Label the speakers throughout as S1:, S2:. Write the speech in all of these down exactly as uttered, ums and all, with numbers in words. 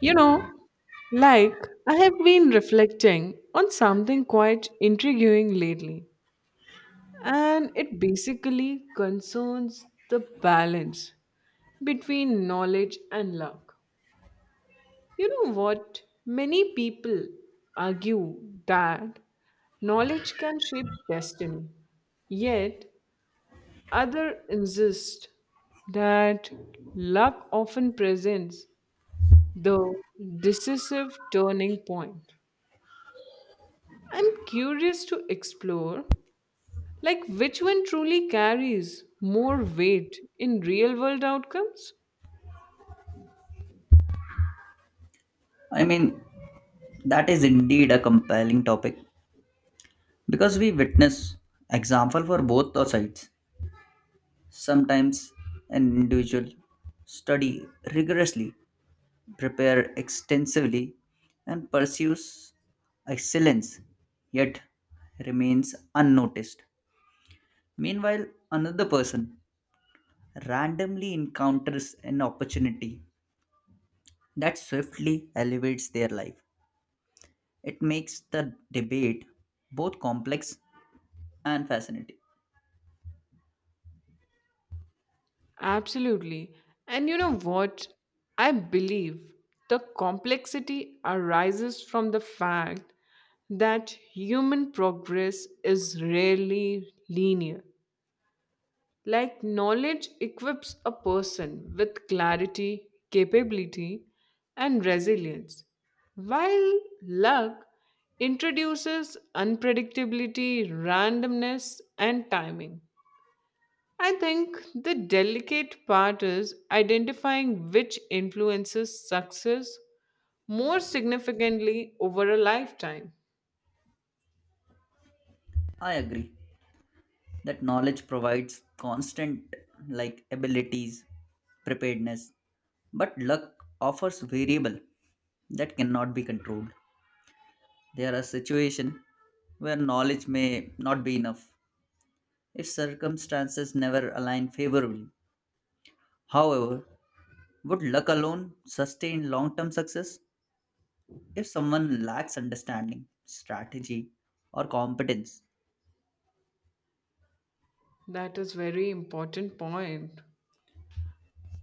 S1: You know, like I have been reflecting on something quite intriguing lately, and it basically concerns the balance between knowledge and luck. You know what? Many people argue that knowledge can shape destiny, yet, others insist that luck often presents the decisive turning point. I'm curious to explore like which one truly carries more weight in real world outcomes?
S2: I mean, that is indeed a compelling topic because we witness example for both the sides. Sometimes an individual study rigorously, prepare extensively, and pursues excellence, yet remains unnoticed. Meanwhile, another person randomly encounters an opportunity that swiftly elevates their life. It makes the debate both complex and fascinating.
S1: Absolutely. And you know what? I believe the complexity arises from the fact that human progress is rarely linear. Like knowledge equips a person with clarity, capability, and resilience, while luck introduces unpredictability, randomness, and timing. I think the delicate part is identifying which influences success more significantly over a lifetime.
S2: I agree that knowledge provides constant like abilities, preparedness, but luck offers variable that cannot be controlled. There are situations where knowledge may not be enough if circumstances never align favorably. However, would luck alone sustain long term success? If someone lacks understanding, strategy, or competence,
S1: That is very important point.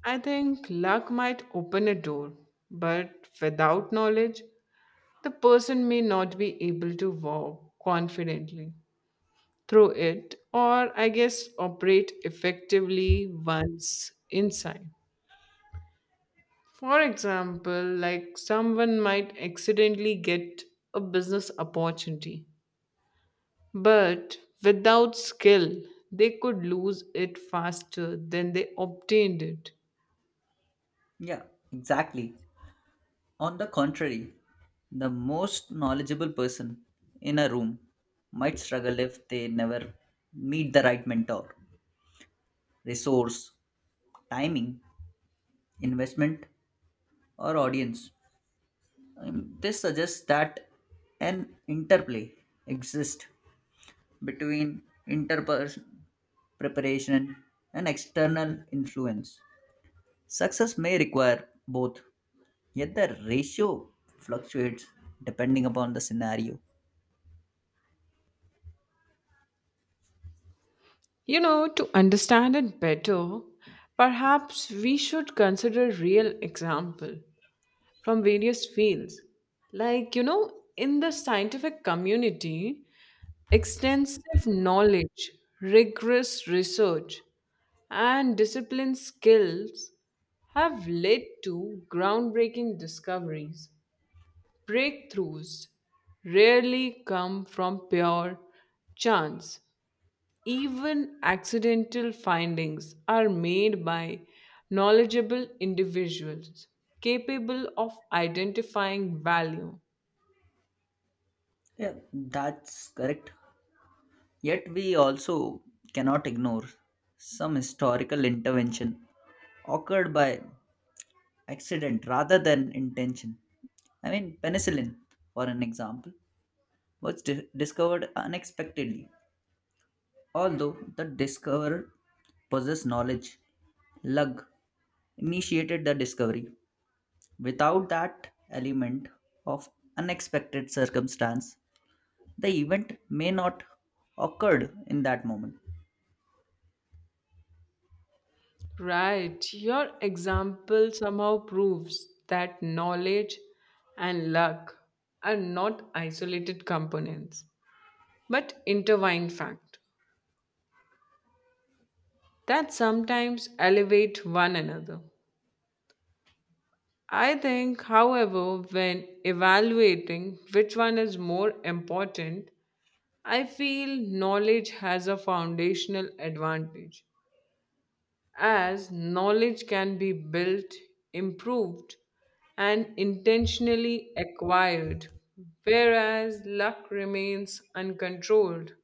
S1: I think luck might open a door, but without knowledge, the person may not be able to walk confidently through it or, I guess, operate effectively once inside. For example, like someone might accidentally get a business opportunity, but without skill, they could lose it faster than they obtained it.
S2: yeah, exactly. On the contrary, the most knowledgeable person in a room might struggle if they never meet the right mentor, resource, timing, investment, or audience. Um, This suggests that an interplay exists between interperson preparation and external influence. Success may require both, yet the ratio fluctuates depending upon the scenario.
S1: You know, to understand it better, perhaps we should consider real example from various fields. Like, you know, in the scientific community, extensive knowledge, rigorous research, and disciplined skills have led to groundbreaking discoveries. Breakthroughs rarely come from pure chance. Even accidental findings are made by knowledgeable individuals capable of identifying value.
S2: Yeah, that's correct. Yet we also cannot ignore some historical intervention occurred by accident rather than intention. I mean, penicillin, for an example, was di- discovered unexpectedly. Although the discoverer possessed knowledge, luck initiated the discovery. Without that element of unexpected circumstance, the event may not occurred in that moment.
S1: Right, your example somehow proves that knowledge and luck are not isolated components but intertwined fact that sometimes elevate one another. I think, however, when evaluating which one is more important, I feel knowledge has a foundational advantage, as knowledge can be built, improved, and intentionally acquired, whereas luck remains uncontrolled.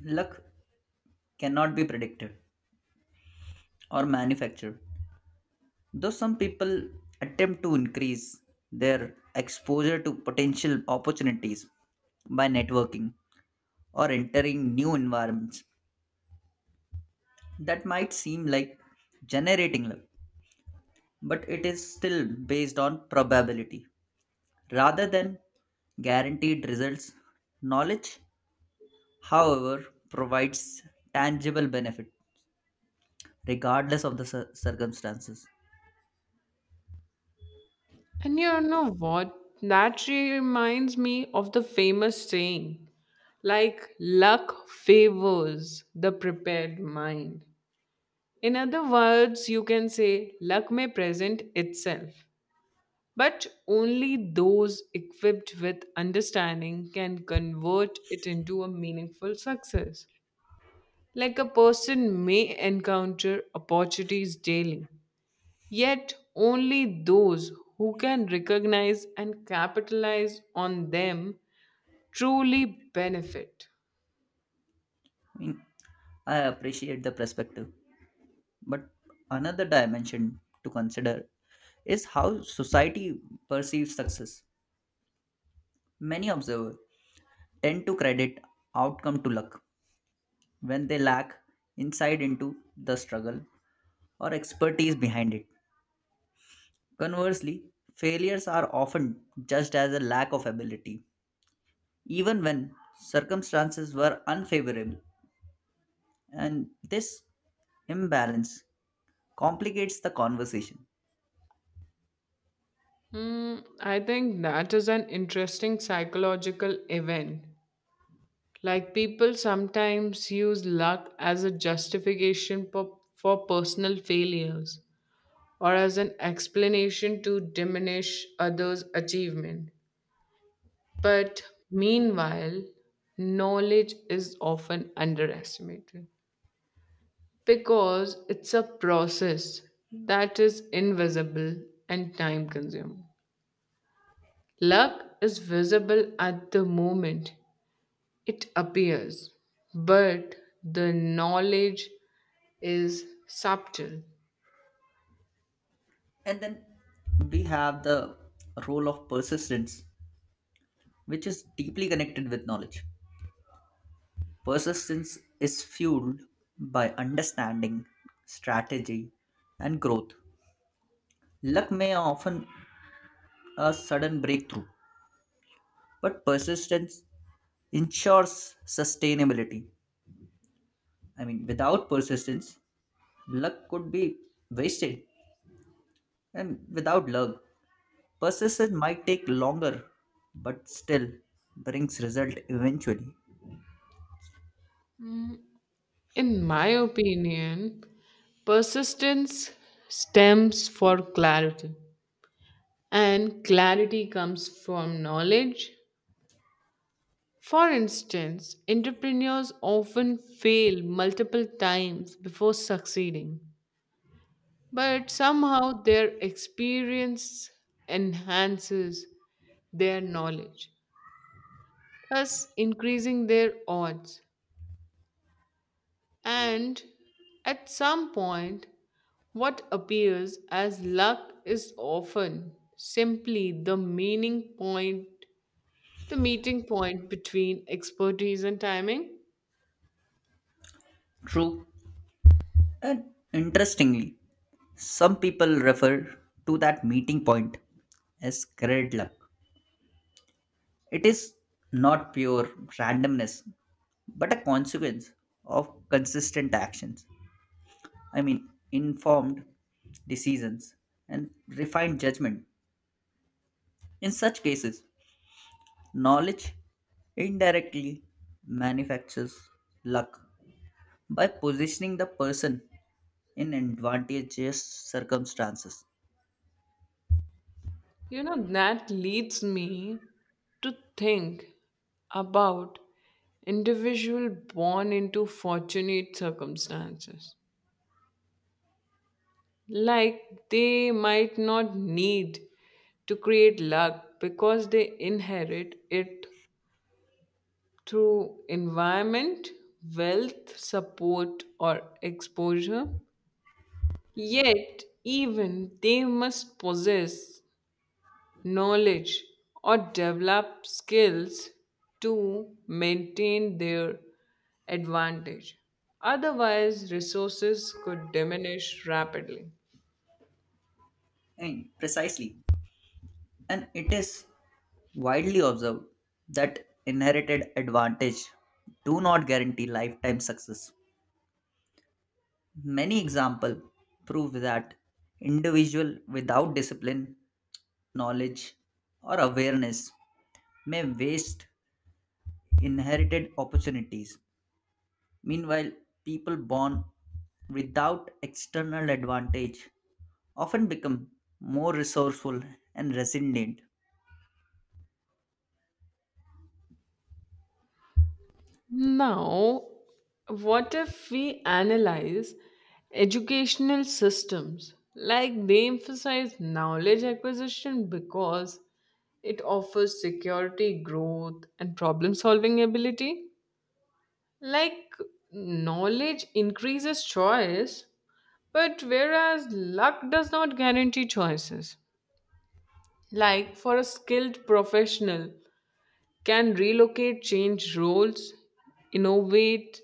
S2: Luck cannot be predicted or manufactured, though some people attempt to increase their exposure to potential opportunities by networking or entering new environments. That might seem like generating luck, but it is still based on probability rather than guaranteed results. Knowledge, however, provides tangible benefit regardless of the cir- circumstances.
S1: And you know what? That reminds me of the famous saying like luck favors the prepared mind. In other words, you can say luck may present itself, but only those equipped with understanding can convert it into a meaningful success. Like a person may encounter opportunities daily, yet only those who can recognize and capitalize on them truly benefit.
S2: I mean, I appreciate the perspective, but another dimension to consider is how society perceives success. Many observers tend to credit outcome to luck when they lack insight into the struggle or expertise behind it. Conversely, failures are often judged as a lack of ability, even when circumstances were unfavorable, and this imbalance complicates the conversation.
S1: Hmm, I think that is an interesting psychological event. Like people sometimes use luck as a justification for, for personal failures or as an explanation to diminish others' achievement. But meanwhile, knowledge is often underestimated because it's a process that is invisible and time consuming. Luck is visible at the moment, it appears, but the knowledge is subtle.
S2: And then we have the role of persistence, which is deeply connected with knowledge. Persistence is fueled by understanding, strategy, and growth. Luck may often a sudden breakthrough, but persistence ensures sustainability. I mean, without persistence, luck could be wasted, and without luck, persistence might take longer, but still brings result eventually.
S1: In my opinion, persistence stems for clarity, and clarity comes from knowledge. For instance, entrepreneurs often fail multiple times before succeeding, but somehow their experience enhances their knowledge, thus increasing their odds. And at some point, what appears as luck is often simply the meaning point, the meeting point between expertise and timing.
S2: True. And interestingly, some people refer to that meeting point as great luck. It is not pure randomness, but a consequence of consistent actions. I mean, informed decisions and refined judgment. In such cases, knowledge indirectly manufactures luck by positioning the person in advantageous circumstances.
S1: You know, that leads me to think about individual born into fortunate circumstances like they might not need to create luck because they inherit it through environment, wealth, support, or exposure. Yet, even they must possess knowledge or develop skills to maintain their advantage. Otherwise, resources could diminish rapidly.
S2: I mean, precisely, and it is widely observed that inherited advantage do not guarantee lifetime success. Many examples prove that individual without discipline, knowledge, or awareness may waste inherited opportunities. Meanwhile, people born without external advantage often become more resourceful and resilient.
S1: Now, what if we analyze educational systems? Like they emphasize knowledge acquisition because it offers security, growth, and problem solving ability. Like knowledge increases choice, but whereas luck does not guarantee choices. Like for a skilled professional, can relocate, change roles, innovate,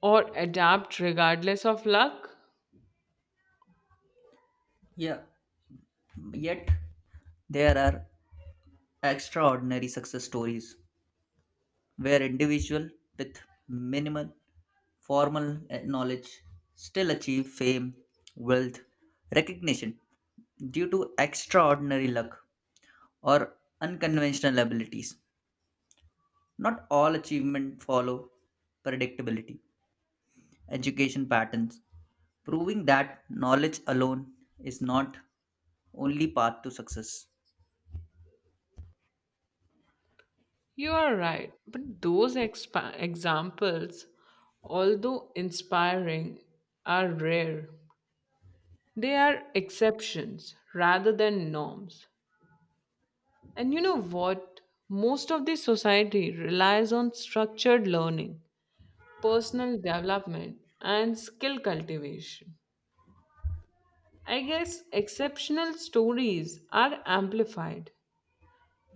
S1: or adapt regardless of luck?
S2: Yeah, yet there are extraordinary success stories where individuals with minimal formal eh, knowledge still achieve fame, wealth, recognition due to extraordinary luck or unconventional abilities. Not all achievements follow predictability, education patterns, proving that knowledge alone is not only path to success.
S1: You are right. But those expa- examples, although inspiring, are rare. They are exceptions rather than norms. And you know what? Most of the society relies on structured learning, personal development, and skill cultivation. I guess exceptional stories are amplified,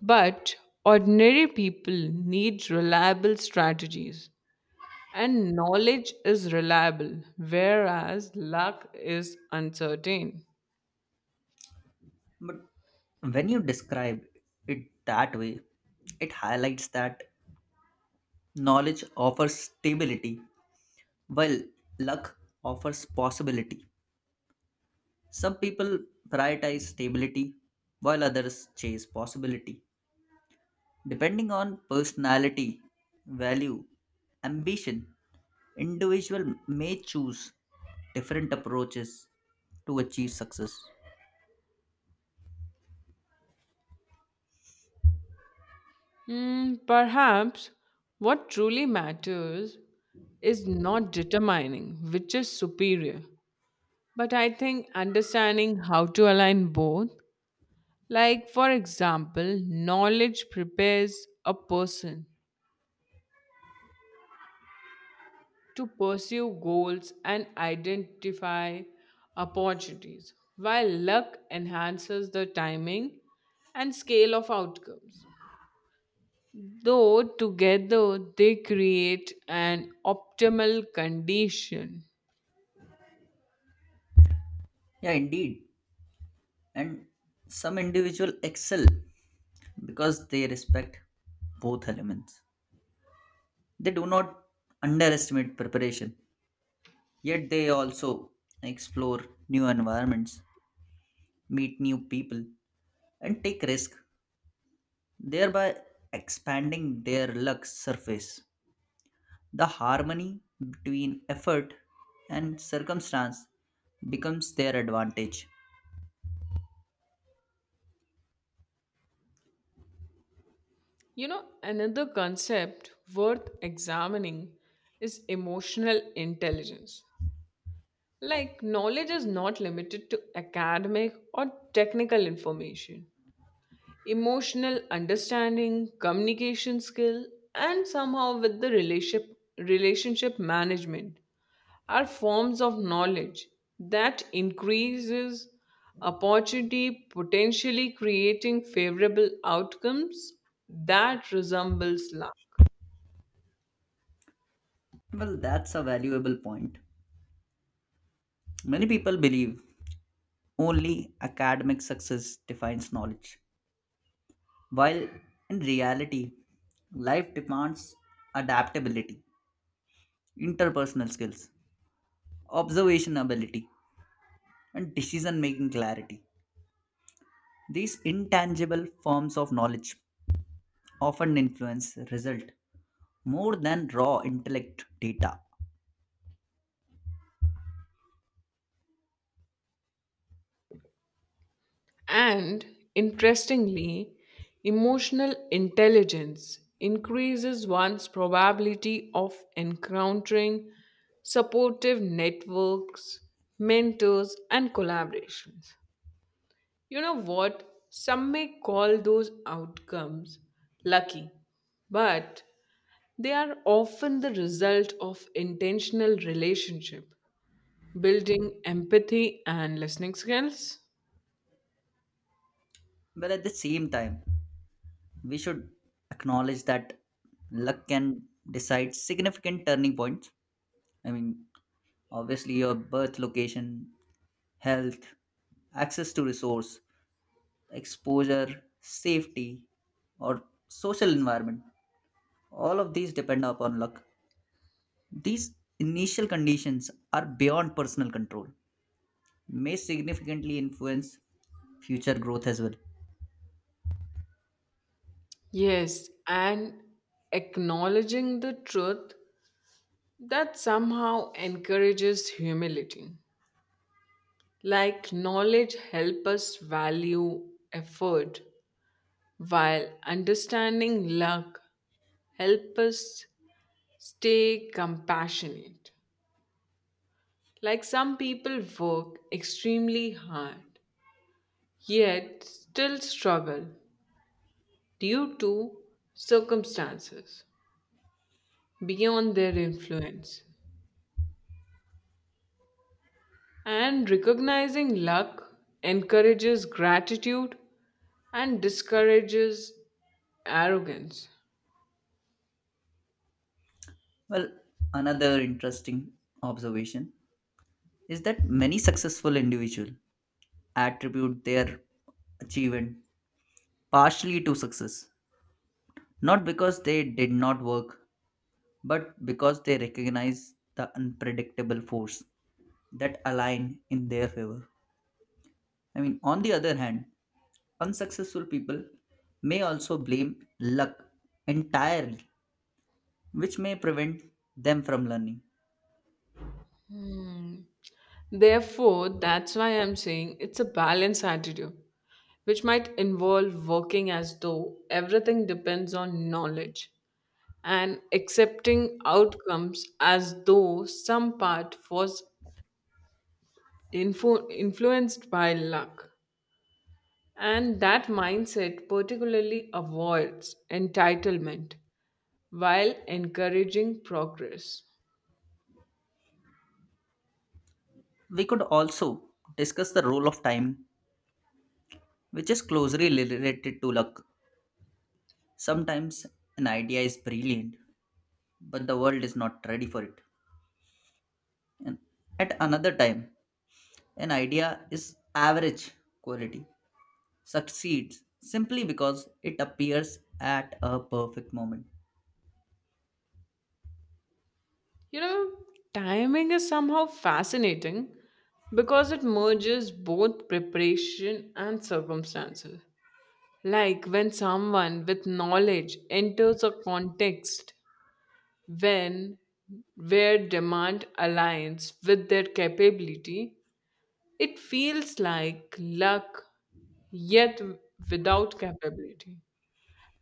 S1: but ordinary people need reliable strategies, and knowledge is reliable, whereas luck is uncertain.
S2: But when you describe it that way, it highlights that knowledge offers stability, while luck offers possibility. Some people prioritize stability, while others chase possibility. Depending on personality, value, ambition, individual may choose different approaches to achieve success.
S1: Hmm, perhaps what truly matters is not determining which is superior, but I think understanding how to align both. Like, for example, knowledge prepares a person, to pursue goals and identify opportunities, while luck enhances the timing and scale of outcomes. Though together they create an optimal condition.
S2: Yeah, indeed. And some individual excel because they respect both elements. They do not underestimate preparation. Yet they also explore new environments, meet new people, and take risks, thereby expanding their luck surface. The harmony between effort and circumstance becomes their advantage.
S1: You know, another concept worth examining is emotional intelligence. Like, knowledge is not limited to academic or technical information. Emotional understanding, communication skill, and somehow with the relationship, relationship management are forms of knowledge that increases opportunity potentially creating favorable outcomes that resembles luck.
S2: Well, that's a valuable point. Many people believe only academic success defines knowledge, while in reality, life demands adaptability, interpersonal skills, observation ability, and decision making clarity. These intangible forms of knowledge often influence result more than raw intellect data.
S1: And interestingly, emotional intelligence increases one's probability of encountering supportive networks, mentors, and collaborations. You know what? Some may call those outcomes lucky, but they are often the result of intentional relationship, building empathy and listening skills.
S2: But at the same time, we should acknowledge that luck can decide significant turning points. I mean, Obviously, your birth location, health, access to resource, exposure, safety, or social environment. All of these depend upon luck. These initial conditions are beyond personal control, may significantly influence future growth as well.
S1: Yes, and acknowledging the truth that somehow encourages humility. Like knowledge help us value effort, while understanding luck help us stay compassionate. Like some people work extremely hard, yet still struggle due to circumstances beyond their influence. And recognizing luck encourages gratitude and discourages arrogance.
S2: Well, another interesting observation is that many successful individuals attribute their achievement partially to success, not because they did not work, but because they recognize the unpredictable force that align in their favor. I mean, on the other hand, unsuccessful people may also blame luck entirely, which may prevent them from learning.
S1: Hmm. Therefore, that's why I'm saying it's a balanced attitude, which might involve working as though everything depends on knowledge and accepting outcomes as though some part was influ- influenced by luck. And that mindset particularly avoids entitlement while encouraging progress.
S2: We could also discuss the role of time, which is closely related to luck. Sometimes an idea is brilliant, but the world is not ready for it. And at another time, an idea is average quality, succeeds simply because it appears at a perfect moment.
S1: You know, timing is somehow fascinating because it merges both preparation and circumstances. Like when someone with knowledge enters a context when where demand aligns with their capability, it feels like luck yet without capability.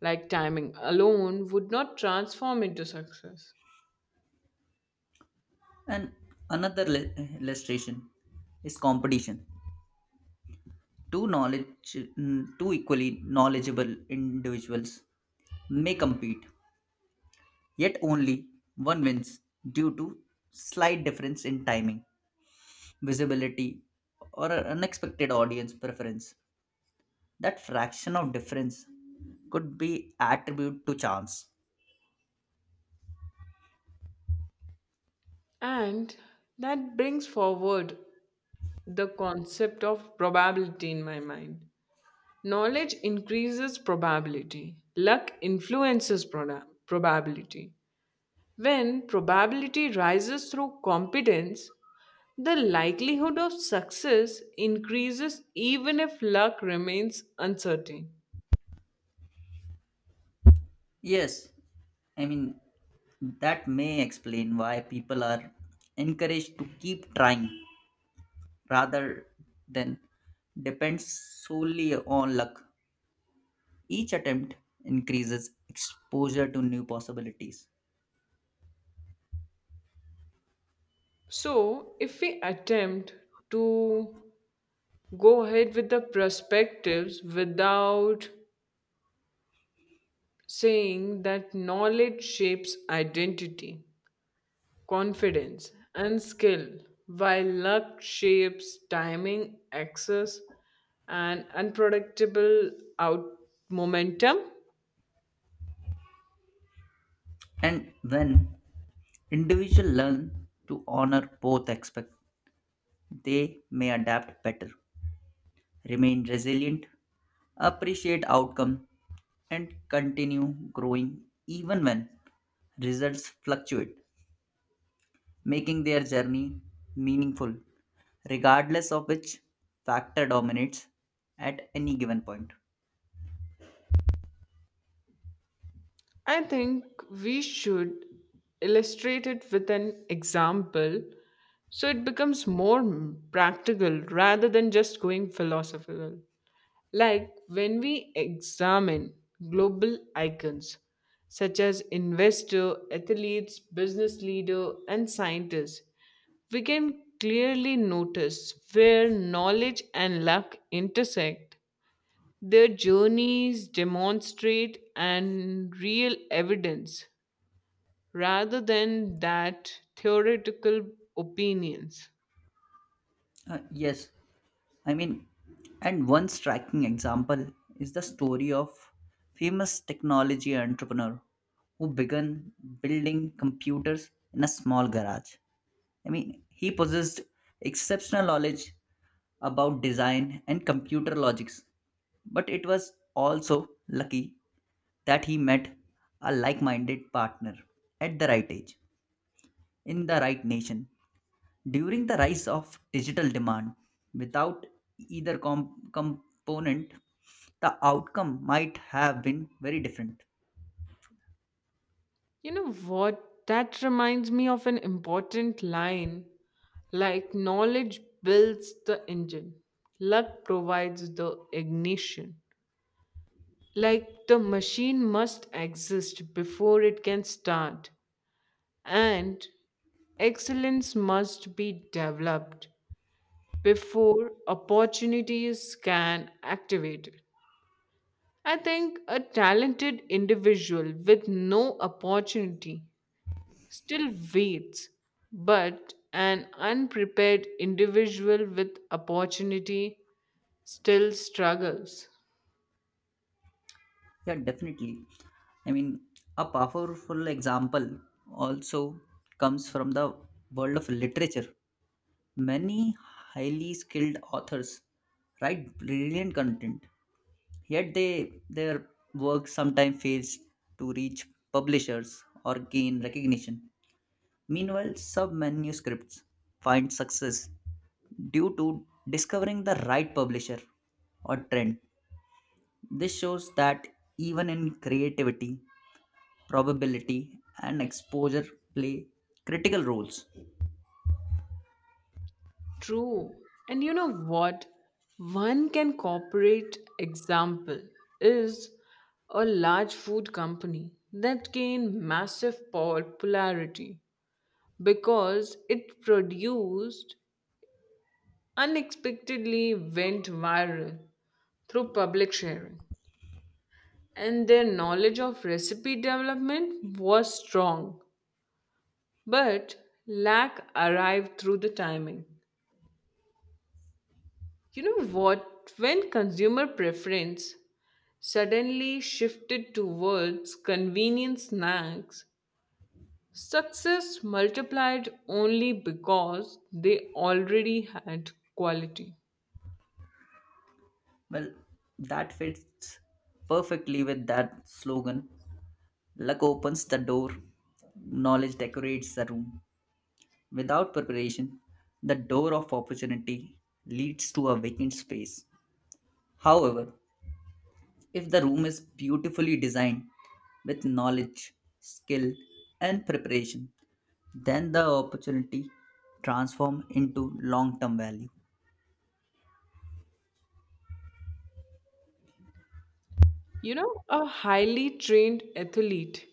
S1: Like timing alone would not transform into success.
S2: And another le- illustration is competition. Two knowledge mm, Two equally knowledgeable individuals may compete, yet only one wins due to slight difference in timing, visibility, or a unexpected audience preference. That fraction of difference could be attributed to chance.
S1: And that brings forward the concept of probability in my mind. Knowledge increases probability, luck influences proda- probability. When probability rises through competence, the likelihood of success increases even if luck remains uncertain.
S2: Yes, I mean that may explain why people are encouraged to keep trying rather than depend solely on luck. Each attempt increases exposure to new possibilities.
S1: So, if we attempt to go ahead with the perspectives without saying that knowledge shapes identity, confidence, and skill, while luck shapes timing, access, and unpredictable out momentum.
S2: And when individuals learn to honor both aspects, they may adapt better, remain resilient, appreciate outcome, and continue growing even when results fluctuate, making their journey meaningful regardless of which factor dominates at any given point.
S1: I think we should illustrate it with an example so it becomes more practical rather than just going philosophical. Like when we examine global icons such as investor, athletes, business leader, and scientists, we can clearly notice where knowledge and luck intersect. Their journeys demonstrate and real evidence rather than that theoretical opinions.
S2: Uh, yes, I mean, and one striking example is the story of famous technology entrepreneur who began building computers in a small garage. I mean, he possessed exceptional knowledge about design and computer logics, but it was also lucky that he met a like minded partner at the right age in the right nation. During the rise of digital demand, without either com- component, the outcome might have been very different.
S1: You know what? That reminds me of an important line like, knowledge builds the engine, luck provides the ignition. Like, the machine must exist before it can start, and excellence must be developed before opportunities can activate it. I think a talented individual with no opportunity still waits, but an unprepared individual with opportunity still struggles.
S2: Yeah, definitely. I mean, a powerful example also comes from the world of literature. Many highly skilled authors write brilliant content, yet they their work sometimes fails to reach publishers or gain recognition. Meanwhile, some manuscripts find success due to discovering the right publisher or trend. This shows that even in creativity, probability, and exposure play critical roles.
S1: True. And you know what? One can corporate example is a large food company that gained massive popularity because it produced unexpectedly went viral through public sharing. And their knowledge of recipe development was strong, but lack arrived through the timing. You know what? When consumer preference suddenly shifted towards convenient snacks, success multiplied only because they already had quality.
S2: Well, that fits perfectly with that slogan luck opens the door, knowledge decorates the room. Without preparation, the door of opportunity leads to a vacant space. However, if the room is beautifully designed with knowledge, skill, and preparation, then the opportunity transform into long-term value.
S1: You know, a highly trained athlete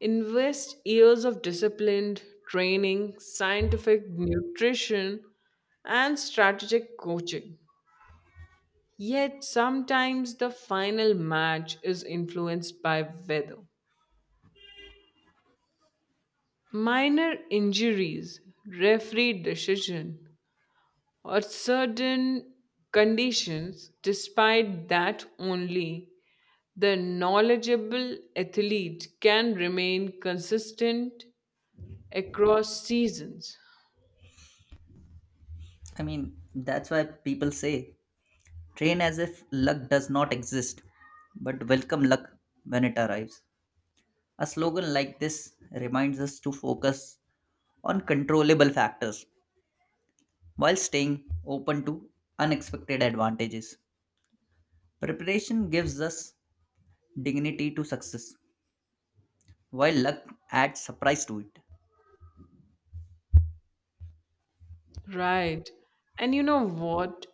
S1: invests years of disciplined training, scientific nutrition, and strategic coaching. Yet sometimes the final match is influenced by weather. Minor injuries, referee decision, or certain conditions, despite that only the knowledgeable athlete can remain consistent across seasons.
S2: I mean, That's why people say train as if luck does not exist, but welcome luck when it arrives. A slogan like this reminds us to focus on controllable factors while staying open to unexpected advantages. Preparation gives us dignity to success, while luck adds surprise to it.
S1: Right. And you know what?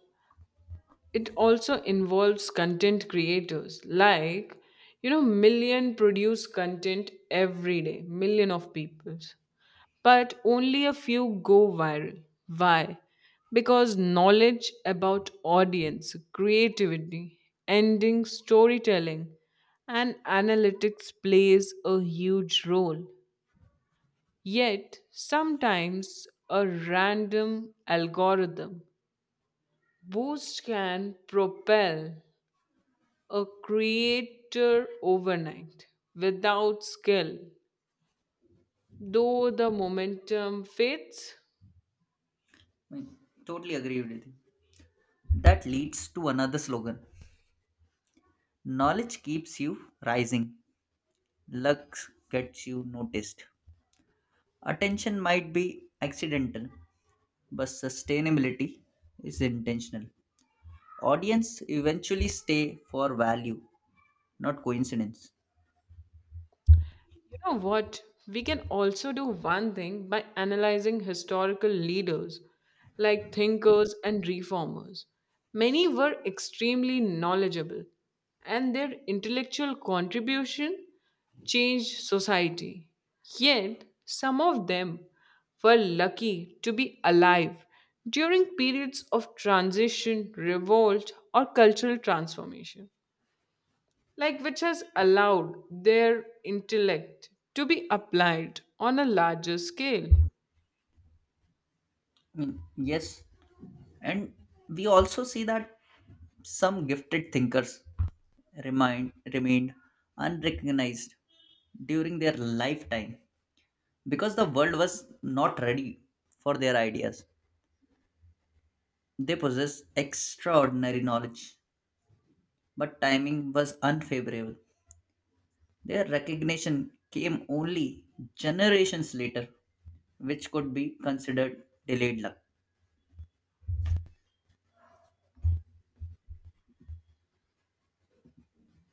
S1: It also involves content creators. Like, you know, million produce content every day, million of people. But only a few go viral. Why? Because knowledge about audience, creativity, ending, storytelling, and analytics plays a huge role. Yet, sometimes a random algorithm boost can propel a creator overnight without skill, though the momentum fades.
S2: I totally agree with you. That leads to another slogan knowledge keeps you rising, luck gets you noticed. Attention might be accidental, but sustainability is intentional. Audience eventually stay for value, not coincidence.
S1: You know what? We can also do one thing by analyzing historical leaders like thinkers and reformers. Many were extremely knowledgeable, and their intellectual contribution changed society. Yet, some of them were lucky to be alive during periods of transition, revolt, or cultural transformation like which has allowed their intellect to be applied on a larger scale.
S2: Mm, Yes, and we also see that some gifted thinkers remain remained unrecognized during their lifetime because the world was not ready for their ideas. They possessed extraordinary knowledge, but timing was unfavorable. Their recognition came only generations later, which could be considered delayed luck.